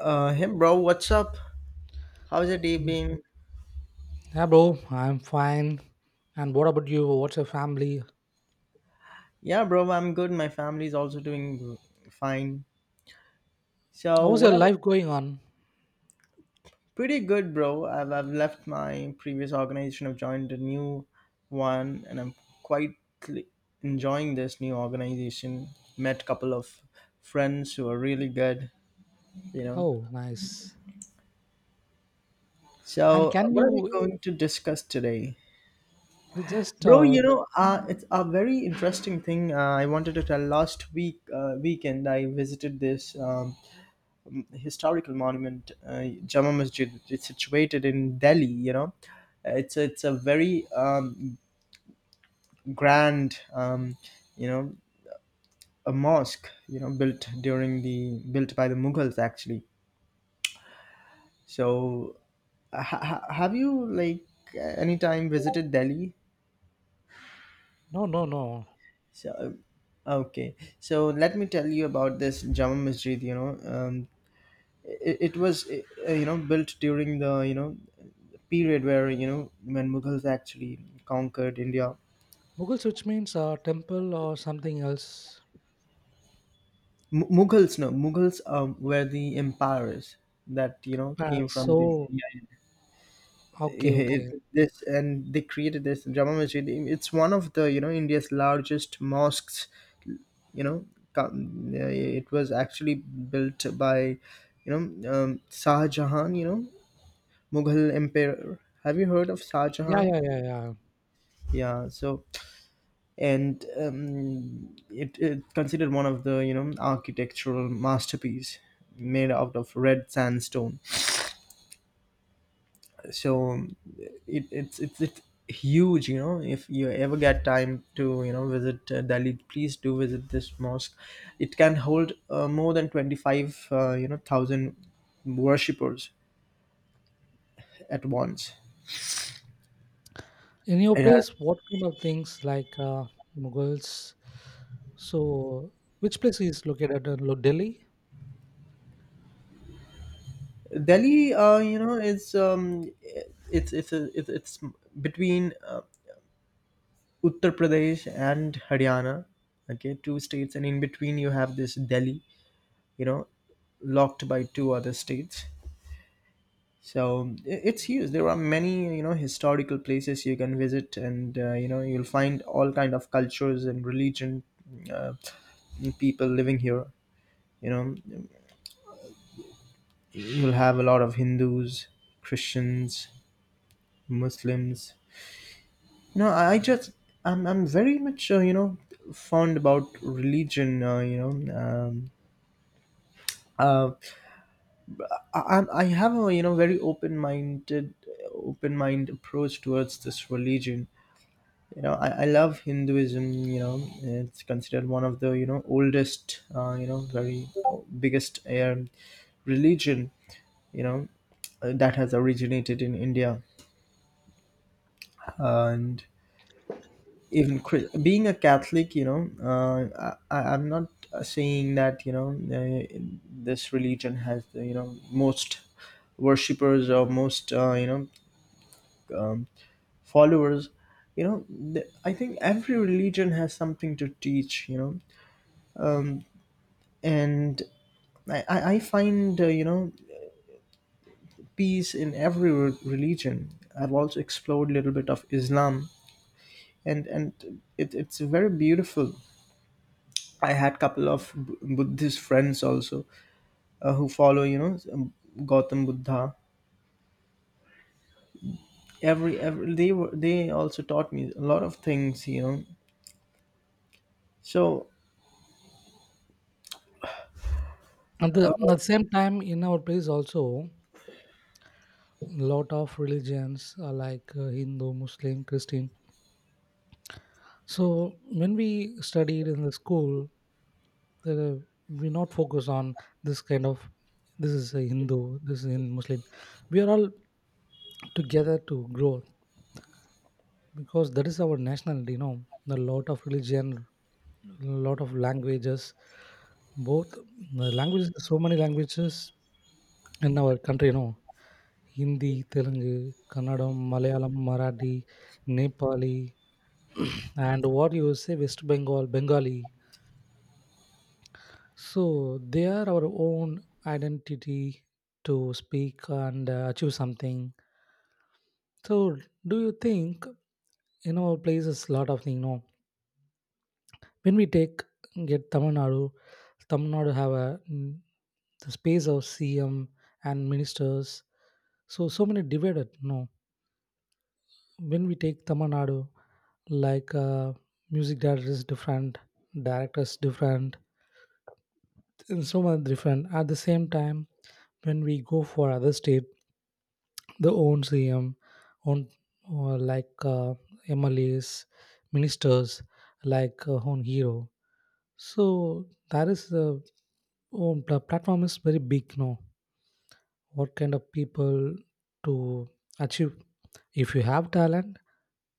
Hey bro, what's up? How's your day Yeah, been? Yeah, bro, I'm fine. And what about you? What's your family? Yeah, bro, I'm good. My family's also doing fine. So, How's what your are we? life going on? Pretty good, bro. I've left my previous organization. I've joined a new one, and I'm quite cl- enjoying this new organization. Met a couple of friends who are really good, you know. Oh, nice. And So, can what are we you going to discuss today? we just Bro, it's a very interesting thing. I wanted to tell last week weekend I visited this historical monument, Jama Masjid. It's situated in Delhi. It's a very um, grand, you know, a mosque. Built by the Mughals actually. So, have you like any time visited Delhi? no, no, no. So, okay. So let me tell you about this Jama Masjid. It was built during the period where when Mughals actually conquered India. Mughal switch means temple or something else. M- mughals no Mughals were the empires that Uh, came from the. so Yeah, okay, yeah, it, okay, this and they created this Jama Masjid. It's one of the India's largest mosques. you know it was actually built by Shah Jahan, Mughal emperor. Have you heard of Shah yeah, Jahan? yeah, yeah, yeah. Yeah. So and um, it considered one of the architectural masterpiece, made out of red sandstone. So it, it's huge. If you ever get time to visit Delhi, please do visit this mosque. It can hold more than 25 thousand worshippers at once. In your It has. place, what kind of things like Mughals? So which place is located in Delhi? Delhi is, it's a, it's it's between Uttar Pradesh and Haryana, okay, two states, and in between you have this Delhi, you know, locked by two other states. So it's huge. There are many, historical places you can visit, and you'll find all kind of cultures and religion, uh, people living here. You know, you'll have a lot of Hindus, Christians, Muslims. I just I'm very much fond about religion. Uh, I have a very open mind approach towards this religion. I love Hinduism. It's considered one of the oldest, very biggest religion, you know that has originated in India. And even being a Catholic, I'm not saying that uh, this religion has the most worshippers or most um, followers. you know I think every religion has something to teach. And I find peace in every religion. I've also explored a little bit of Islam, and it's very beautiful. I had couple of Buddhist friends also, who follow Gautam Buddha. Every, every they were they also taught me a lot of things. So. At the same time, in our place also, lot of religions like Hindu, Muslim, Christian. So when we studied in the school, there, we not focus on this kind of, this is a Hindu, this is in Muslim. We are all together to grow, because that is our nationality, a lot of religion, a lot of languages, both the languages, so many languages in our country, hindi, telugu, kannadam, malayalam, marathi, nepali. And what you say, west bengal, bengali. So they are our own identity to speak and achieve something. So, do you think in our places lot of things? No, when we take get Tamil Nadu, Tamil Nadu have a mm, the space of CM and ministers. So so many divided. No, when we take Tamil Nadu, like music directors different, it's so much different. At the same time when we go for other state, the own cm, own like mlas, ministers, like own hero. So that is the own platform is very big. Now what kind of people to achieve? If you have talent,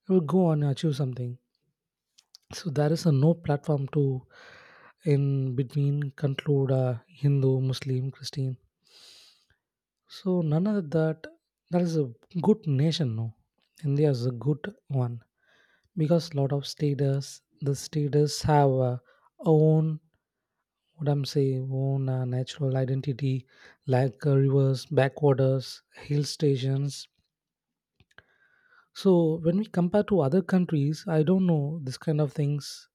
you will go and achieve something. So there is a no platform to in between conclude Hindu, Muslim, Christian. So none of that. That is a good nation. No, India is a good one because lot of status. The status have own, what I'm saying, own natural identity, like rivers, backwaters, hill stations. So when we compare to other countries, I don't know this kind of things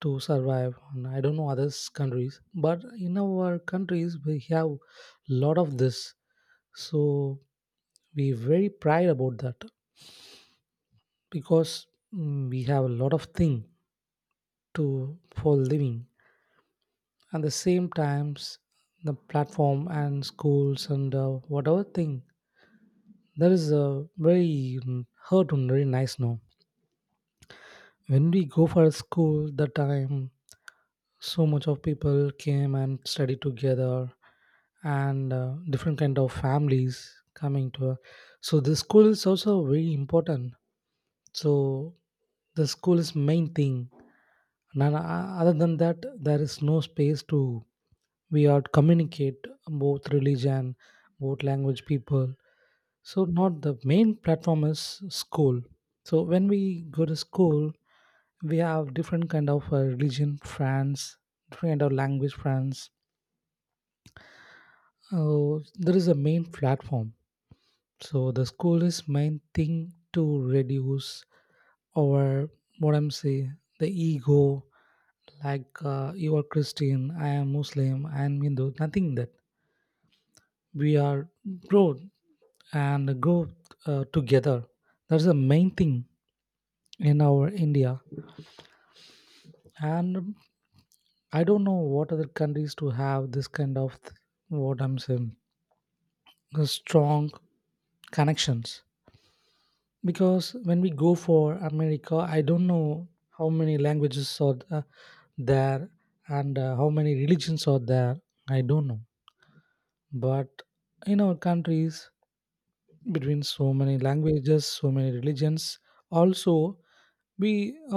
to survive on. I don't know others countries, but in our countries we have lot of this. So we very proud about that, because mm, we have a lot of thing to for living, and the same times the platform and schools and whatever thing, that is a very mm, hurt and very nice. Now when we go for school the time, so much of people came and studied together, and different kind of families coming to, so the school is also very important. So the school is main thing, and other than that there is no space to we are communicate both religion, both language people. So not the main platform is school. So when we go to school, we have different kind of religion friends, different kind of language friends. Oh, there is a main platform. So the school is main thing to reduce, or what I'm saying, the ego, like you are Christian, I am Muslim, I am Hindu, nothing that. We are grow and grow together. That's the main thing in our India. And I don't know what other countries to have this kind of, what I'm saying, strong connections, because when we go for america, I don't know how many languages are there, and how many religions are there, I don't know. But in our countries, between so many languages, so many religions, also we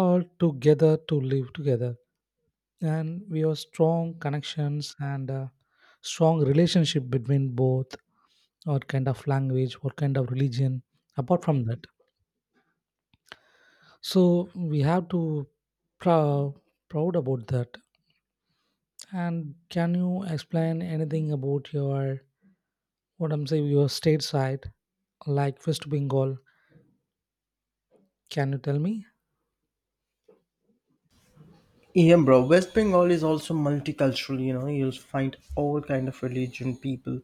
are together to live together, and we have strong connections and strong relationship between both, what kind of language, what kind of religion, apart from that. So we have to prou- proud about that. And can you explain anything about your, what I'm saying, your state side, like West Bengal? Can you tell me? Yeah, bro. West Bengal is also multicultural. You'll find all kind of religion people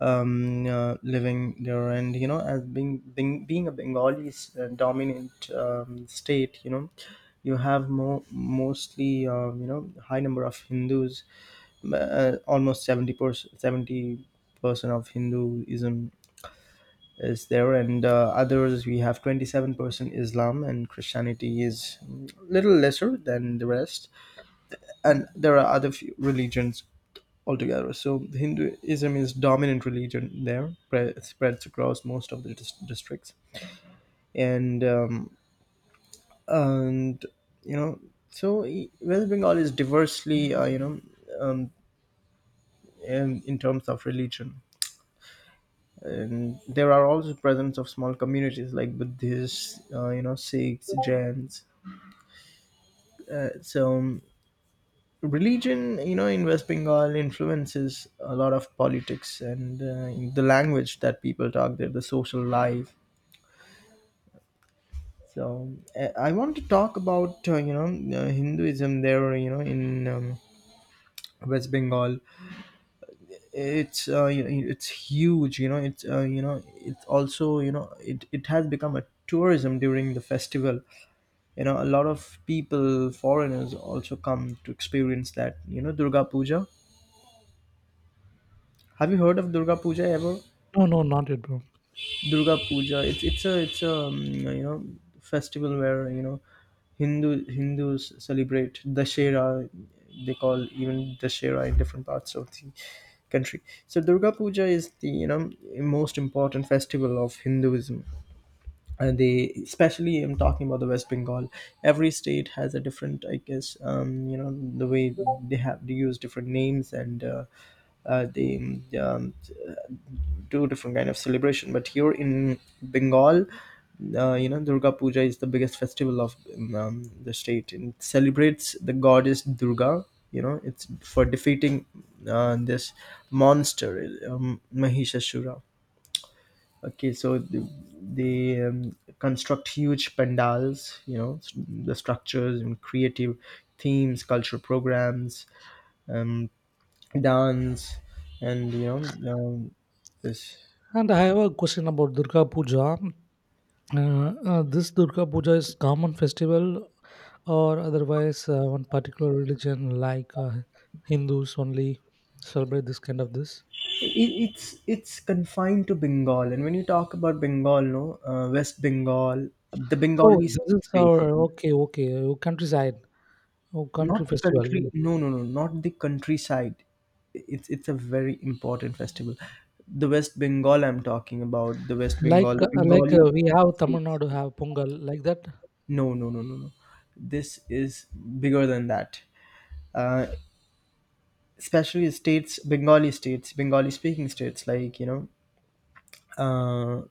living there, and as being a Bengali dominant state, you have more mostly high number of Hindus, almost 70%, 70% of Hinduism is there, and others we have 27% Islam, and Christianity is little lesser than the rest, and there are other few religions altogether. So Hinduism is dominant religion there, spreads across most of the districts, and and, you know, so West Bengal is diversely, um, in terms of religion. And there are also presence of small communities like Buddhists, Sikhs, Jains. So religion, in West Bengal, influences a lot of politics, and in the language that people talk there, the social life. So I want to talk about Hinduism there, in West Bengal. It's huge. It's also, it has become a tourism during the festival. A lot of people, foreigners, also come to experience that, Durga Puja. Have you heard of Durga Puja ever? No, no, not yet, bro. Durga Puja. It's a festival where, Hindus celebrate Dashera. They call even Dashera in different parts of the country. So Durga Puja is the most important festival of Hinduism, and they, especially I'm talking about the West Bengal. Every state has a different, I guess, the way, they use different names, and they do different kind of celebration, but here in Bengal, Durga Puja is the biggest festival of the state, and it celebrates the goddess Durga. It's for defeating this monster, Mahishasura. Okay, so they construct huge pandals, the structures and creative themes, cultural programs, um, dance, and you know, um, this. And I have a question about Durga Puja. This Durga Puja is common festival, or otherwise one particular religion like Hindus only celebrate this kind of this. It's confined to Bengal, and when you talk about Bengal, no, West Bengal, the Oh, Bengali this states is our basically. okay, okay, countryside. Oh, Not country festival. country. No, no, no. Not the countryside. It's a very important festival. The West Bengal. I'm talking about the West Like Bengal. The Bengali we have Tamil states. Nadu have Pongal like that. No, no, no, no, no. This is bigger than that. Uh, Especially states, Bengali states, Bengali-speaking states, like, uh,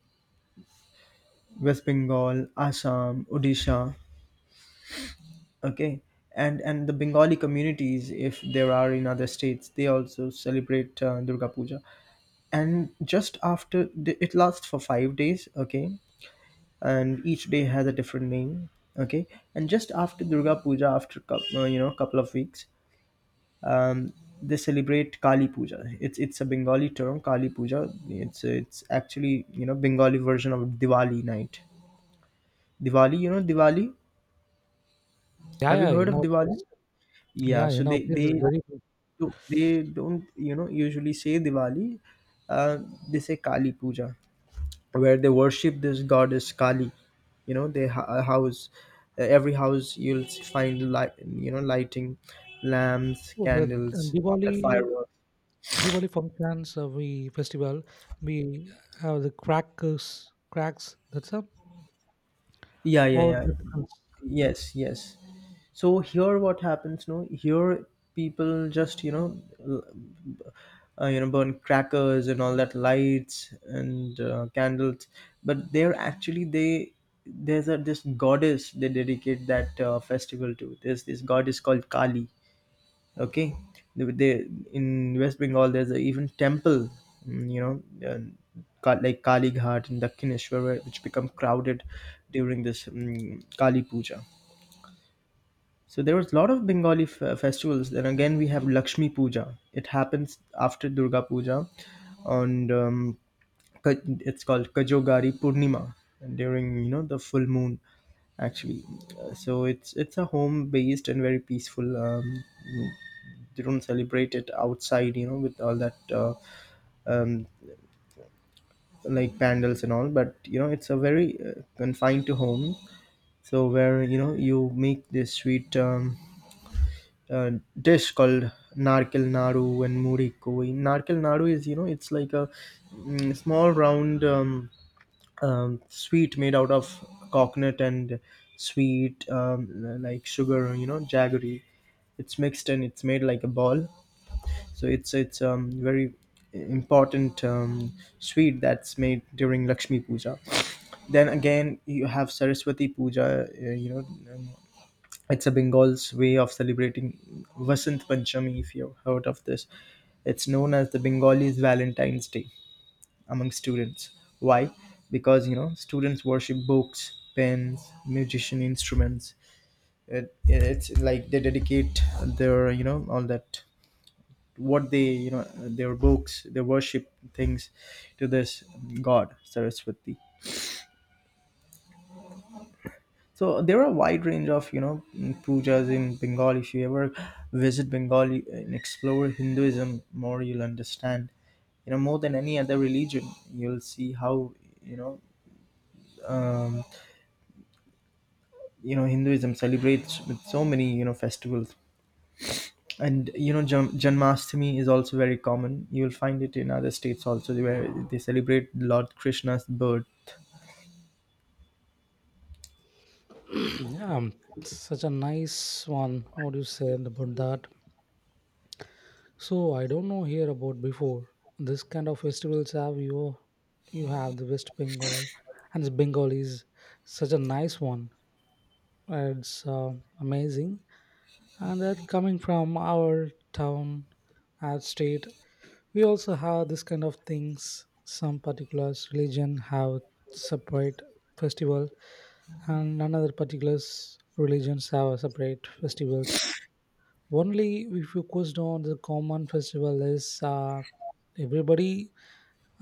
West Bengal, Assam, Odisha. Okay, and the Bengali communities, if there are in other states, they also celebrate Durga Puja. And just after the, It lasts for 5 days. Okay, and each day has a different name. Okay, and just after Durga Puja, after couple of weeks, um, they celebrate Kali Puja. It's a Bengali term, Kali Puja. It's actually, Bengali version of Diwali night. Diwali, Diwali. Yeah, Have you yeah. heard In of our Diwali? place, Yeah. yeah, So in our they place they is Yeah. very good. They don't, usually say Diwali. uh, they say Kali Puja, where they worship this goddess Kali. House, every house, you'll find light, lighting, lamps, Oh, the candles, all that Diwali. fireworks. Diwali functions. We festival. We have the crackers, cracks. That's a Yeah, yeah, or yeah. the difference. Yes, yes. So here, what happens, no, here people just, burn crackers and all that lights and candles. But they're actually, they there's a, this goddess they dedicate that festival to. There's this goddess called Kali. Okay. They In West Bengal there's a even temple, mm, you know uh, like Kali Ghat and Dakhineshwar, which become crowded during this Kali Puja. So there was a lot of Bengali festivals. Then again, we have Lakshmi Puja. It happens after Durga Puja, and Ka- it's called Kajogari Purnima during, the full moon. Actually, so it's a home based and very peaceful. They don't celebrate it outside, with all that um, like pandals and all. But it's a very confined to home. So where, you make this sweet. Uh, Dish called narkel naru and muri koi. Narkel naru is, it's like a, small round, sweet made out of coconut and sweet, like sugar, jaggery. It's mixed and it's made like a ball. So it's very important, sweet that's made during Lakshmi Puja. Then again you have Saraswati Puja. It's a Bengal's way of celebrating Vasant Panchami, if you've heard of this. It's known as the Bengalis Valentine's Day among students. Why? Because, students worship books, pens, musician instruments. It's like they dedicate their, all that, what they, their books, their worship things, to this god Saraswati. So there are a wide range of, pujas in Bengal. If you ever visit Bengal and explore Hinduism more, you'll understand. More than any other religion, you'll see how, you know um, Hinduism celebrates with so many, festivals. And, Janmashtami is also very common. You'll find it in other states also where they celebrate Lord Krishna's birth. Yeah, such a nice one. What you said about that. So I don't know here about before. This kind of festivals have you, you have the West Bengal, and this Bengal is such a nice one. It's amazing. And that coming from our town, our state, we also have this kind of things. Some particular religion have separate festival, and another particular religions have a separate festivals. Only we focused on the common festival is everybody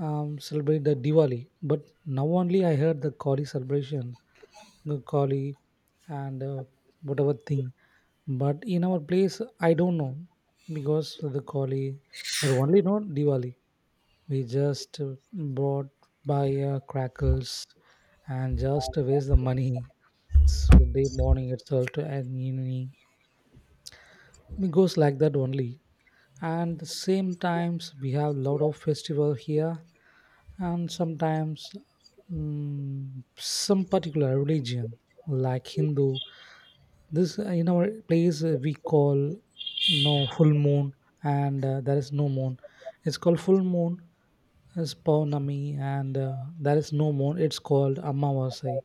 celebrate the Diwali. But now only I heard the Kali celebration, the Kali and whatever thing. But in our place, I don't know because of the Kali, but only not Diwali. We just bought by crackers and just waste the money. So day morning itself to and evening. It goes like that only, and the same times we have lot of festival here, and sometimes mm, some particular religion, like hindu. This in our place we call no full moon, and there is no moon, it's called full moon is paunami, and there is no moon, it's called amavasya,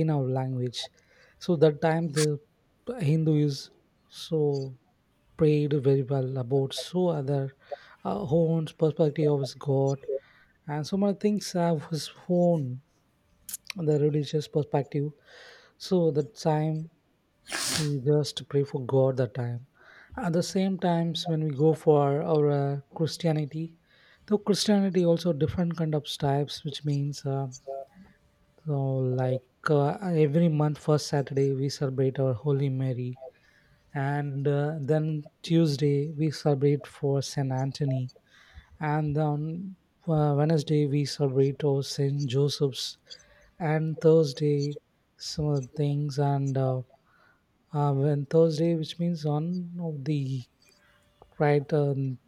in our language. So that time the hindu is so prayed very well about, so other own perspective of his God, and so many things have his own the religious perspective. So that time he just pray for God that time. At the same times when we go for our Christianity, though Christianity also different kind of types, which means so, like uh, every month first Saturday we celebrate our Holy Mary, and then Tuesday we celebrate for Saint Anthony, and on Wednesday we celebrate our Saint Joseph's, and Thursday some other things, and when Thursday, which means on of the right,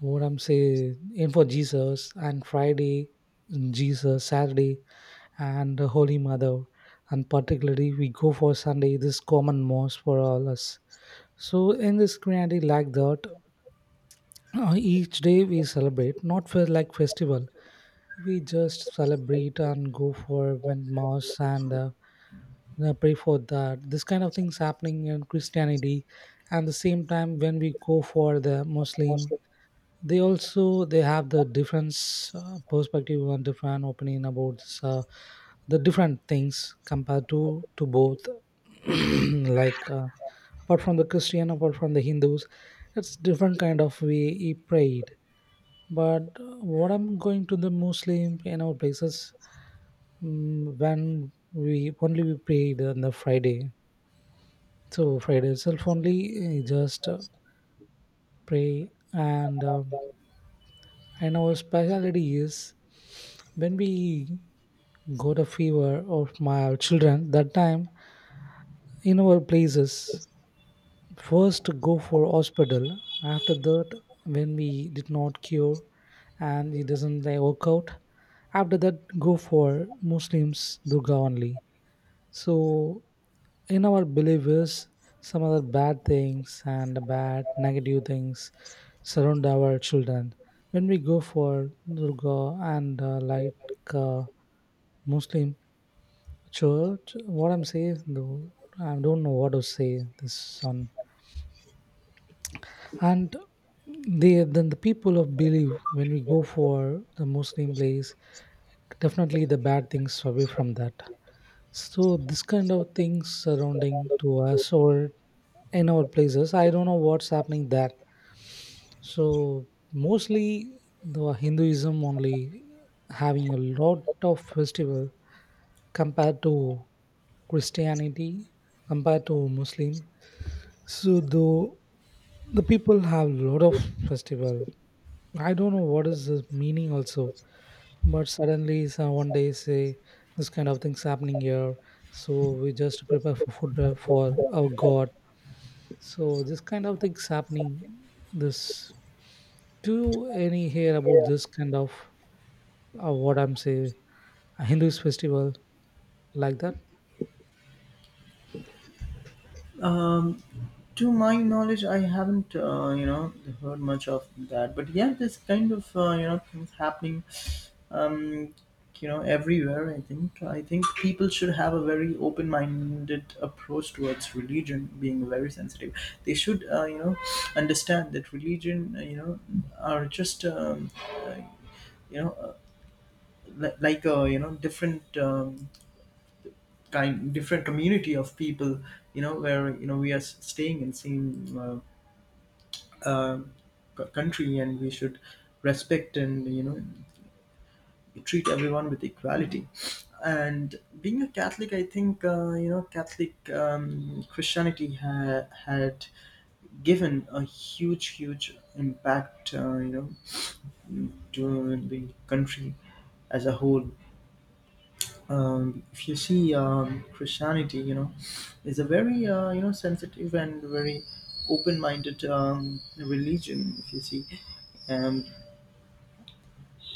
what I'm saying, in for Jesus, and Friday mm, Jesus, Saturday and the Holy Mother, and particularly we go for Sunday, this common mass for all us. So in this Christianity like that, each day we celebrate not for like festival. We just celebrate and go for when mass and pray for that, this kind of things happening in christianity. And the same time when we go for the muslim, they also they have the different perspective and different opinion about this, the different things compared to both. Like apart from the christian, apart from the hindus, it's different kind of way he prayed. But what I'm going to the Muslim in our places, mm, when we only we prayed on the Friday. So Friday itself only eh, just pray and our speciality is when we got a fever of my children that time in our places first go for hospital. After that when we did not cure and it doesn't, like, work out, after that go for muslims durga only. So in our believers, some other bad things and bad negative things surround our children. When we go for durga and uh, muslim church, what I'm saying though, I don't know what to say this on. And they then the people of belief, when we go for the muslim place, definitely the bad things away from that. So this kind of things surrounding to us or in our places, I don't know what's happening there. So mostly the Hinduism only having a lot of festival compared to Christianity, compared to Muslim. So though the people have a lot of festival, I don't know what is the meaning also, but suddenly some one day say this kind of things happening here, so we just prepare for food for our God. So this kind of things happening. This, do you any hear about this kind of, what I'm saying, Hindu's festival like that? Um, to my knowledge, I haven't heard much of that. But yeah, this kind of things happening um you know everywhere. I think people should have a very open minded approach towards religion, being very sensitive. They should understand that religion are just uh, you know uh, like a different kind different community of people, where we are staying in same uh, uh, country, and we should respect and treat everyone with equality. And being a Catholic, I think Catholic, Christianity had given a huge huge impact to the country as a whole. If you see, Christianity, is a very sensitive and very open-minded religion, if you see. um,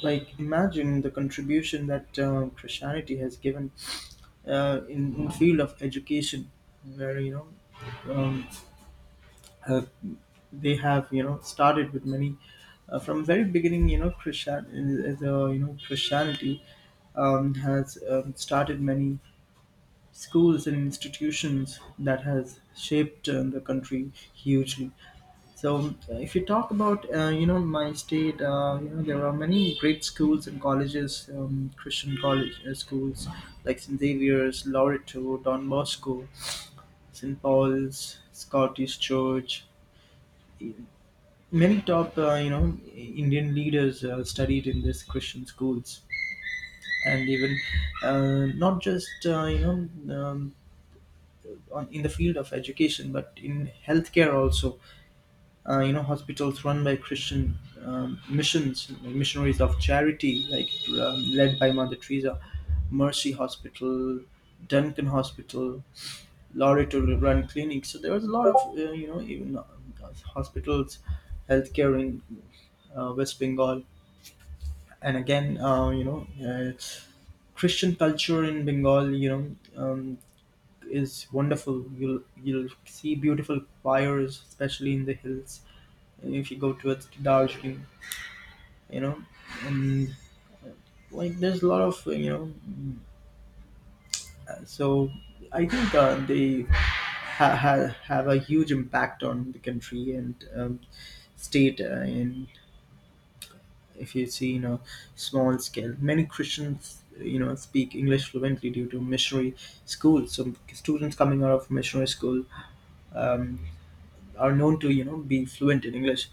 like, imagine the contribution that Christianity has given in field of education, where um, uh, they have started with many, from very beginning, you know christian as a you know Christianity has started many schools and institutions that has shaped the country hugely. So, if you talk about my state, there are many great schools and colleges, Christian college schools like St Xavier's, Loreto, Don Bosco, St Paul's, Scottish Church. Many top Indian leaders studied in these Christian schools, and even not just know um, in the field of education, but in healthcare also. Hospitals run by Christian missions like Missionaries of Charity, like led by Mother Teresa, Mercy Hospital, Duncan Hospital, Loreto run clinics. So there was a lot of even hospitals, healthcare in West Bengal. And again, Christian culture in Bengal, is wonderful. You'll see beautiful fires, especially in the hills. If you go towards Darjeeling, you know and there's a lot of so I think they have a huge impact on the country, and state and if you see, small scale, many Christians speak English fluently due to missionary schools. So students coming out of missionary school um, are known to be fluent in English.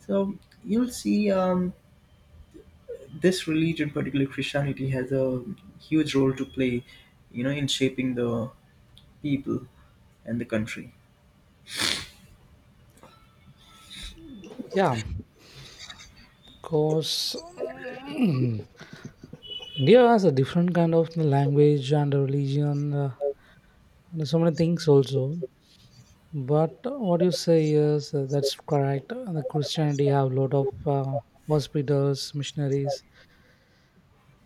So you'll see this religion, particularly Christianity, has a huge role to play, in shaping the people and the country. Yeah, cause. India has a different kind of language and religion and so many things also. But what you say is that's correct. The Christianity have a lot of hospitals, missionaries,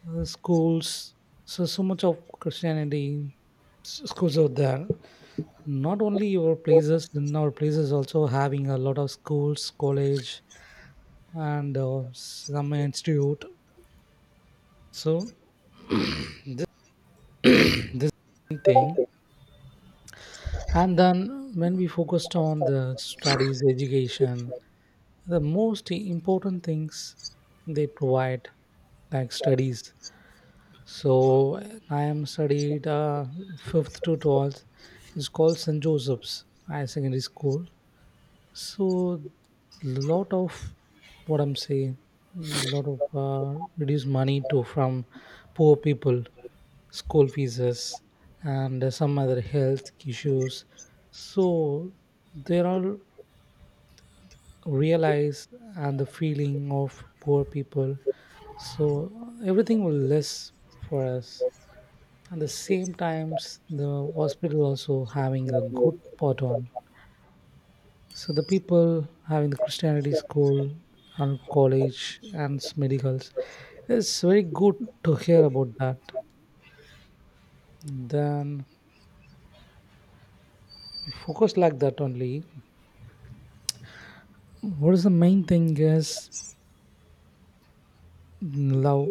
schools. So so much of Christianity schools out there. Not only our places, in our places also having a lot of schools, college, and some institute. So this this thing. And then when we focused on the studies, education. The most important things they provide, like studies. So I am studied fifth to 12th. It's called St Joseph's high secondary school. So lot of, what I'm saying, lot of reduced money to from poor people, school fees and some other health issues. So there are realize and the feeling of poor people. So everything will less for us. And the same times the hospital also having a good pot on. So the people having the christianity school and college and medicals, it's very good to hear about that. Then focus like that only. What is the main thing is love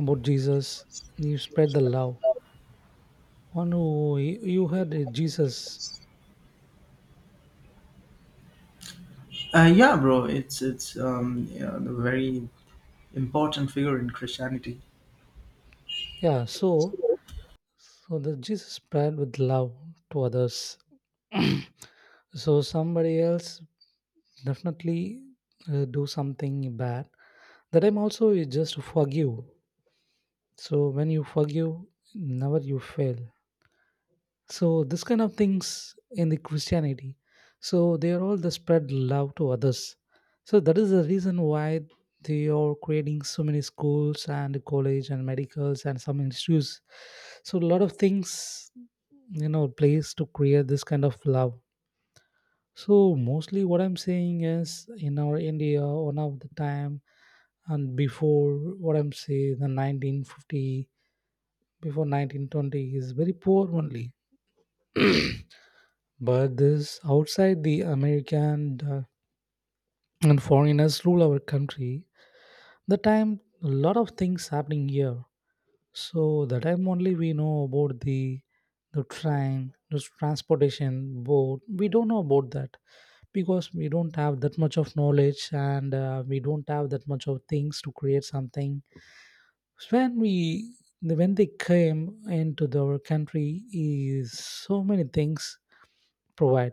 about Jesus. You spread the love. One who you had a Jesus. Yeah, bro, it's a very important figure in Christianity. Yeah, so so the Jesus prayed with love to others. So somebody else definitely do something bad. The time also is just forgive. So when you forgive, never you fail. So this kind of things in the christianity, so they are all the spread love to others. So that is the reason why they are creating so many schools and college and medicals and some institutes. So a lot of things, you know, place to create this kind of love. So mostly what I'm saying is in our India one of the time, and before, what I'm saying the 1950, before 1920 is very poor only. But this outside the American and foreigners rule our country. The time a lot of things happening here. So the time only we know about the train, the transportation, boat. We don't know about that because we don't have that much of knowledge, and we don't have that much of things to create something. When we, when they came into our country, is so many things provide,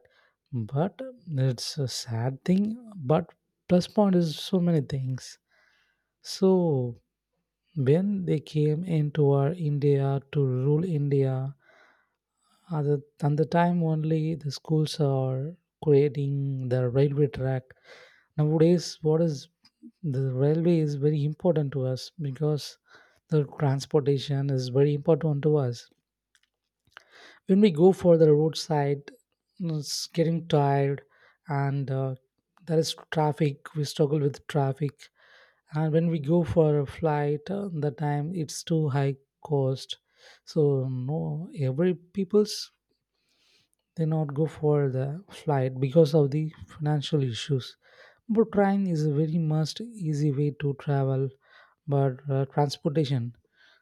but it's a sad thing, but plus point is so many things. So when they came into our India to rule India, at the time only the schools are creating the railway track. Nowadays what is the railway is very important to us, because the transportation is very important to us. When we go for the roadside, you know, it's getting tired, and there is traffic, we struggle with traffic. And when we go for a flight, the time it's too high cost. So no every people's, they not go for the flight because of the financial issues. But train is a very much easy way to travel, but transportation.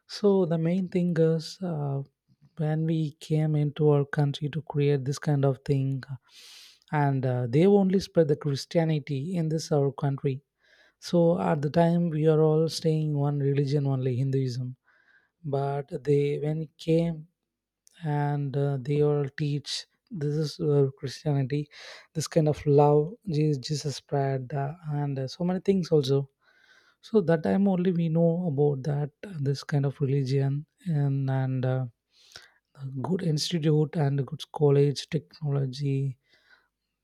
So the main thing is, when we came into our country to create this kind of thing, and they only spread the Christianity in this our country. So at the time we are all staying one religion only Hinduism, but they when it came, and they all teach this is christianity, this kind of love Jesus, Jesus spread and so many things also. So that time only we know about that, this kind of religion, and a good institute and a good college technology.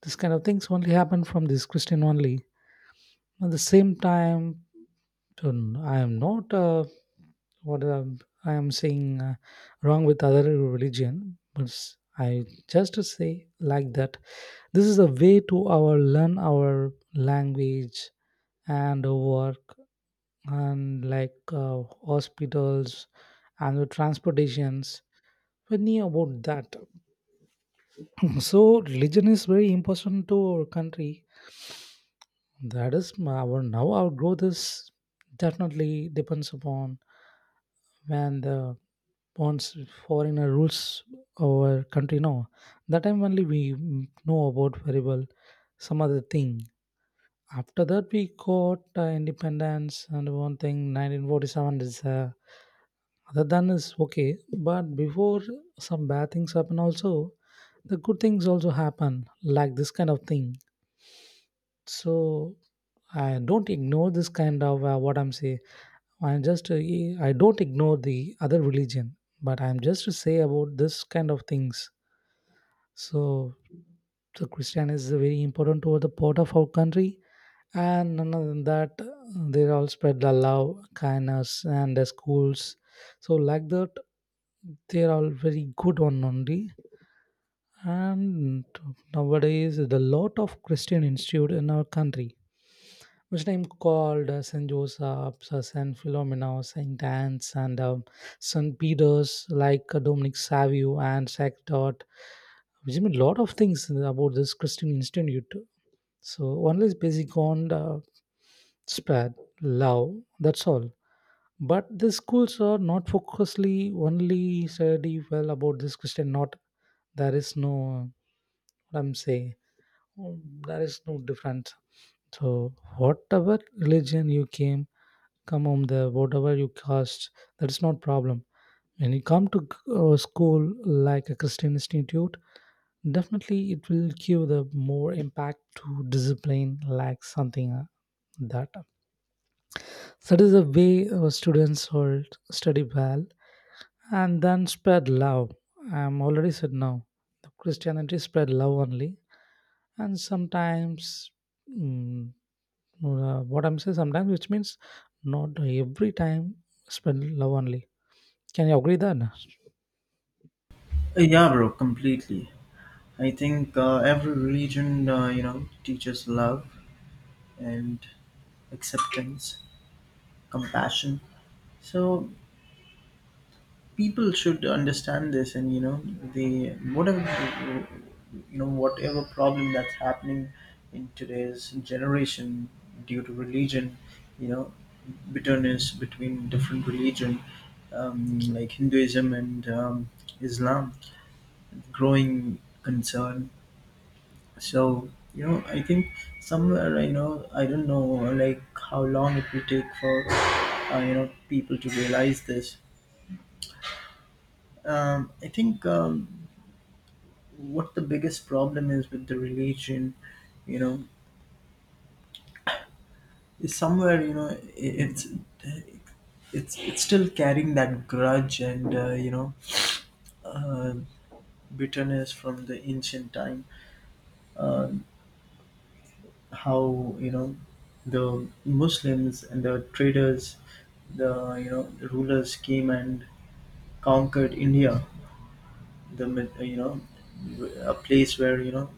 This kind of things only happen from this christian only. At the same time done. I am not what, I am saying wrong with other religion, but I just to say like that. This is a way to our learn our language and work, and like hospitals and the transportations. We need about that. So religion is very important to our country. That is our, now our growth is definitely depends upon when the, once foreigner rules our country, now that time only we know about very well some other thing. After that we got independence and one thing 1947 is other than is okay, but before some bad things happen also, the good things also happen like this kind of thing. So I don't ignore this kind of what I'm saying. I'm just I don't ignore the other religion, but I'm just to say about this kind of things. So, so Christian is very important to the part of our country, and other than that, they all spread the love, kindness, and the schools. So like that, they are all very good on only. And nowadays, the lot of Christian institute in our country which name called St. Joseph's, St. Philomena, St. Anne's, and St. Peter's, like Dominic Savio and Dot, which I mean a lot of things about this Christian Institute. So one is basic on spread, love, that's all. But the schools are not focusedly only study well about this Christian, not. There is no, what I'm saying, there is no difference. So whatever religion you came, come home there whatever you cast, that's not problem. When you come to school like a christian institute, definitely it will give the more impact to discipline like something that. So that is the way our students will study well and then spread love. I'm already said now the christianity spread love only. And sometimes mm, what I'm saying sometimes, which means not every time spread love only. Can you agree that? Yeah, bro, completely. I think every religion, teaches love and acceptance, compassion. So people should understand this. And you know they whatever, whatever problem that's happening in today's generation due to religion, you know bitterness between different religion, like Hinduism and Islam, growing concern. So, I think somewhere I know I don't know, like how long it will take for people to realize this. I think, what the biggest problem is with the religion, you know is somewhere, it's it's still carrying that grudge and uh, bitterness from the ancient time. uh, how, the Muslims and the traders, the, the rulers came and conquered India. The a place where,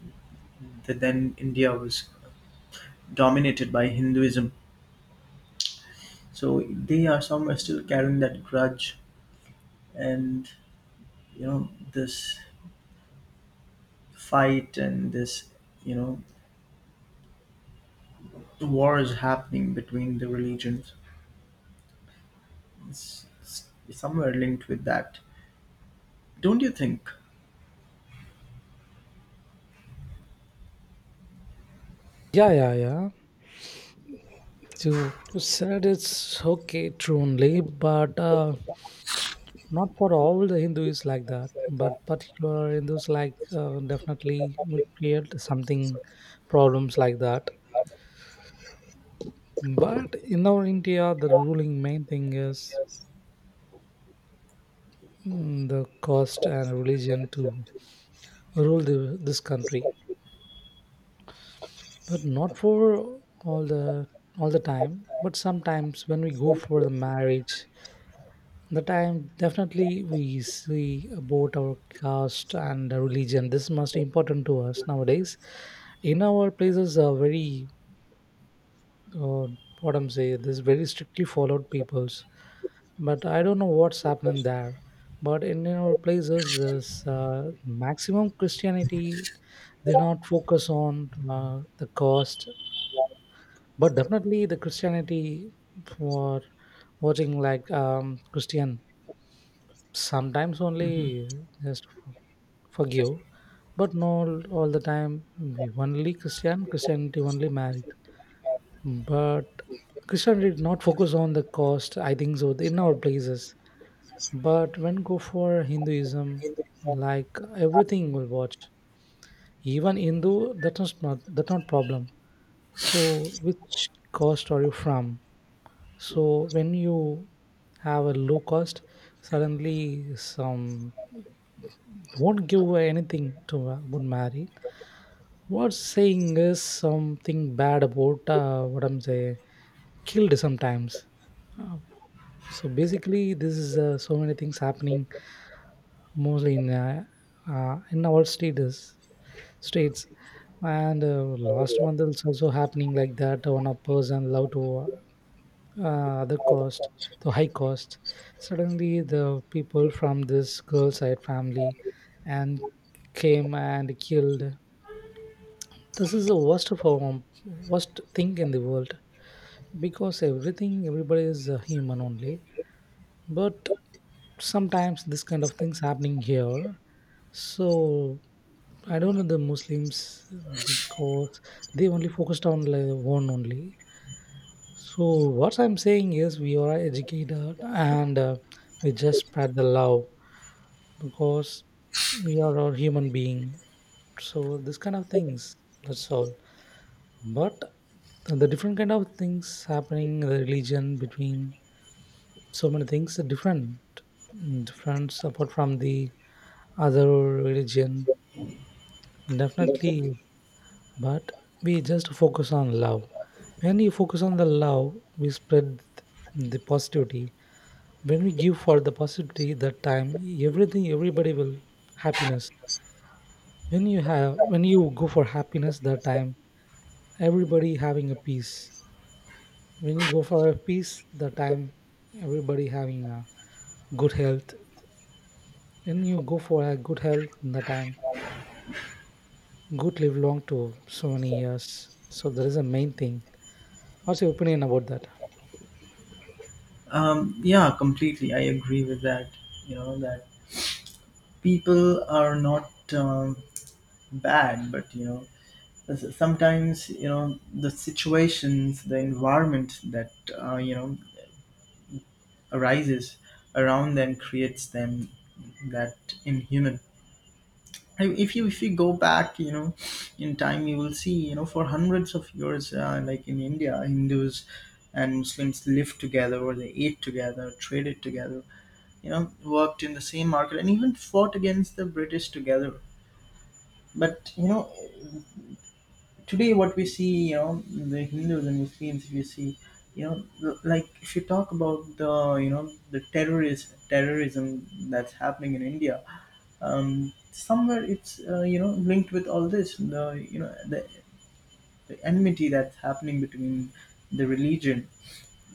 the then India was dominated by Hinduism. So they are some are still carrying that grudge, and this fight and this, you know war is happening between the religions. It's somewhere linked with that, don't you think? Yeah, yeah, yeah. You said it's okay, true only, but not for all the Hindus like that. But particular Hindus like definitely will create something problems like that. But in our India, the ruling main thing is the caste and religion to rule this country. But not for all the, all the time. But sometimes when we go for the marriage, the time definitely we see about our caste and religion, this must most important to us nowadays. In our places are very uh, what I'm saying, this very strictly followed peoples. But I don't know what's happening there. But in our places this maximum christianity, they not focus on the cost. But definitely the christianity for watching like christian, sometimes Mhm. only just forgive. But not all the time we only christian, christianity only married. But christianity did not focus on the cost, I think so, in our places. But when go for hinduism, like everything will watch. Even hindu that is not, that not problem. So which cost are you from? So when you have a low cost, suddenly some won't give anything to a good married. What's saying is something bad about what I'm saying, killed sometimes. Uh, so basically this is so many things happening mostly in our states and last month it's also happening like that, one a person love to the cost, the high cost. Suddenly, the people from this girl side family and came and killed. This is the worst of all, worst thing in the world, because everybody is a human only. But sometimes this kind of things happening here. So I don't know the Muslims, because they only focused on like one only. So what I'm saying is we are educated and we just spread the love, because we are all human being. So this kind of things, that's all. But the different kind of things happening in the religion between, so many things are different. Different apart from the other religion, definitely. But we just focus on love. When you focus on the love, we spread the positivity. When we give for the positivity, that time everything everybody will happiness. When you have, when you go for happiness that time, everybody having a peace. When you go for a peace that time, everybody having a good health. When you go for a good health that time, good live long to so many years. So that is the main thing. What's your opinion about that? Yeah, completely. I agree with that. You know that people are not bad, but, sometimes, the situations, the environment that uh, you know arises around them creates them that inhuman. And if you go back, in time, you will see, for hundreds of years, like in India, Hindus and Muslims lived together, or they ate together, traded together, you know worked in the same market, and even fought against the British together. But, today what we see, the Hindus and Muslims, if you see, if you talk about the, the terrorist terrorism that's happening in India, somewhere it's linked with all this, the, you know the, the enmity that's happening between the religion.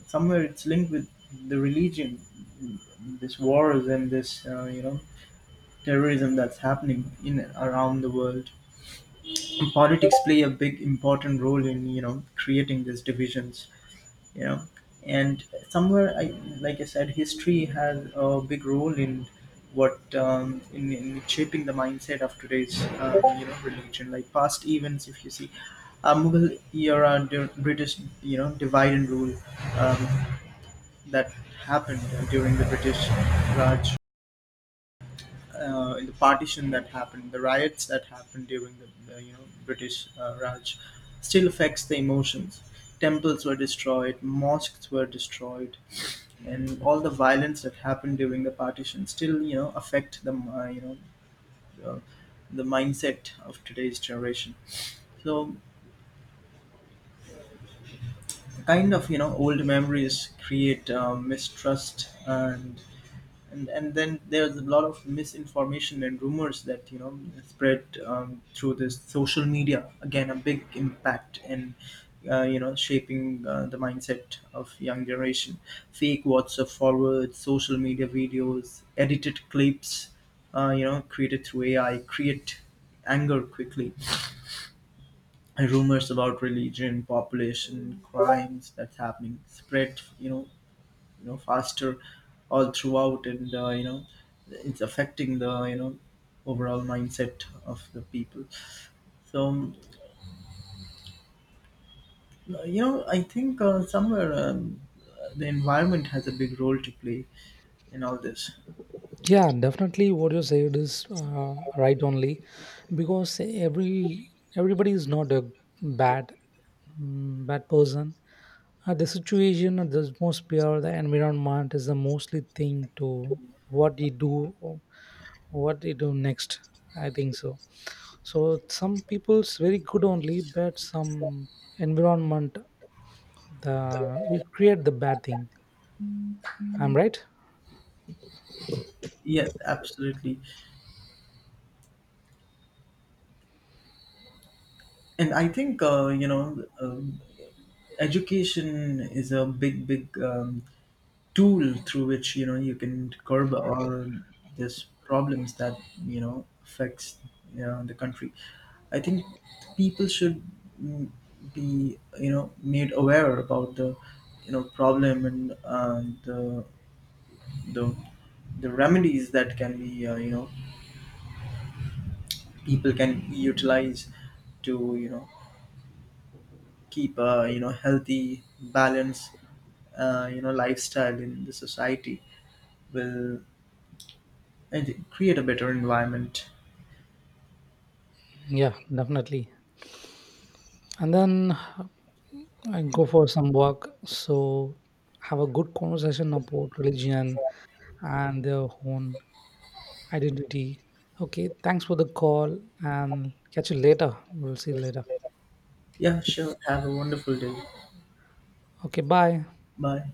Somewhere it's linked with the religion, this wars and this terrorism that's happening in around the world. Politics play a big important role in, creating these divisions, you know and somewhere I, like I said, history has a big role in what in shaping the mindset of today's religion. Like past events, if you see, Mughal era, British, divide and rule, um, that happened during the British Raj, in the partition that happened, the riots that happened during the, British Raj, still affects the emotions. Temples were destroyed, mosques were destroyed, and all the violence that happened during the partition still, affect the uh, the mindset of today's generation. So, kind of, old memories create mistrust, and and then there's a lot of misinformation and rumors that, spread through this social media, again a big impact in shaping the mindset of young generation. Fake WhatsApp forwards, social media videos, edited clips, created through AI, create anger quickly. And rumors about religion, population, crimes that's happening spread, faster all throughout. And it's affecting the, overall mindset of the people. So, I think somewhere, the environment has a big role to play in all this. Yeah, definitely what you said is right only. Because every, everybody is not a bad, bad person. The situation or the most pure, the environment is the mostly thing to what you do, or what you do next. I think so. So some people's very good only, but some environment, the it create the bad thing. I'm right. Yes, absolutely. And I think um, education is a big big tool through which, you can curb all these problems that, affects, the country. I think people should mm, be, made aware about the, problem and the the remedies that can be people can utilize to, keep a, healthy balance lifestyle in the society will and create a better environment. Yeah, definitely. And then I go for some walk. So have a good conversation about religion and their own identity. Okay, thanks for the call and catch you later. We'll see you later. Yeah, sure. Have a wonderful day. Okay, bye. Bye.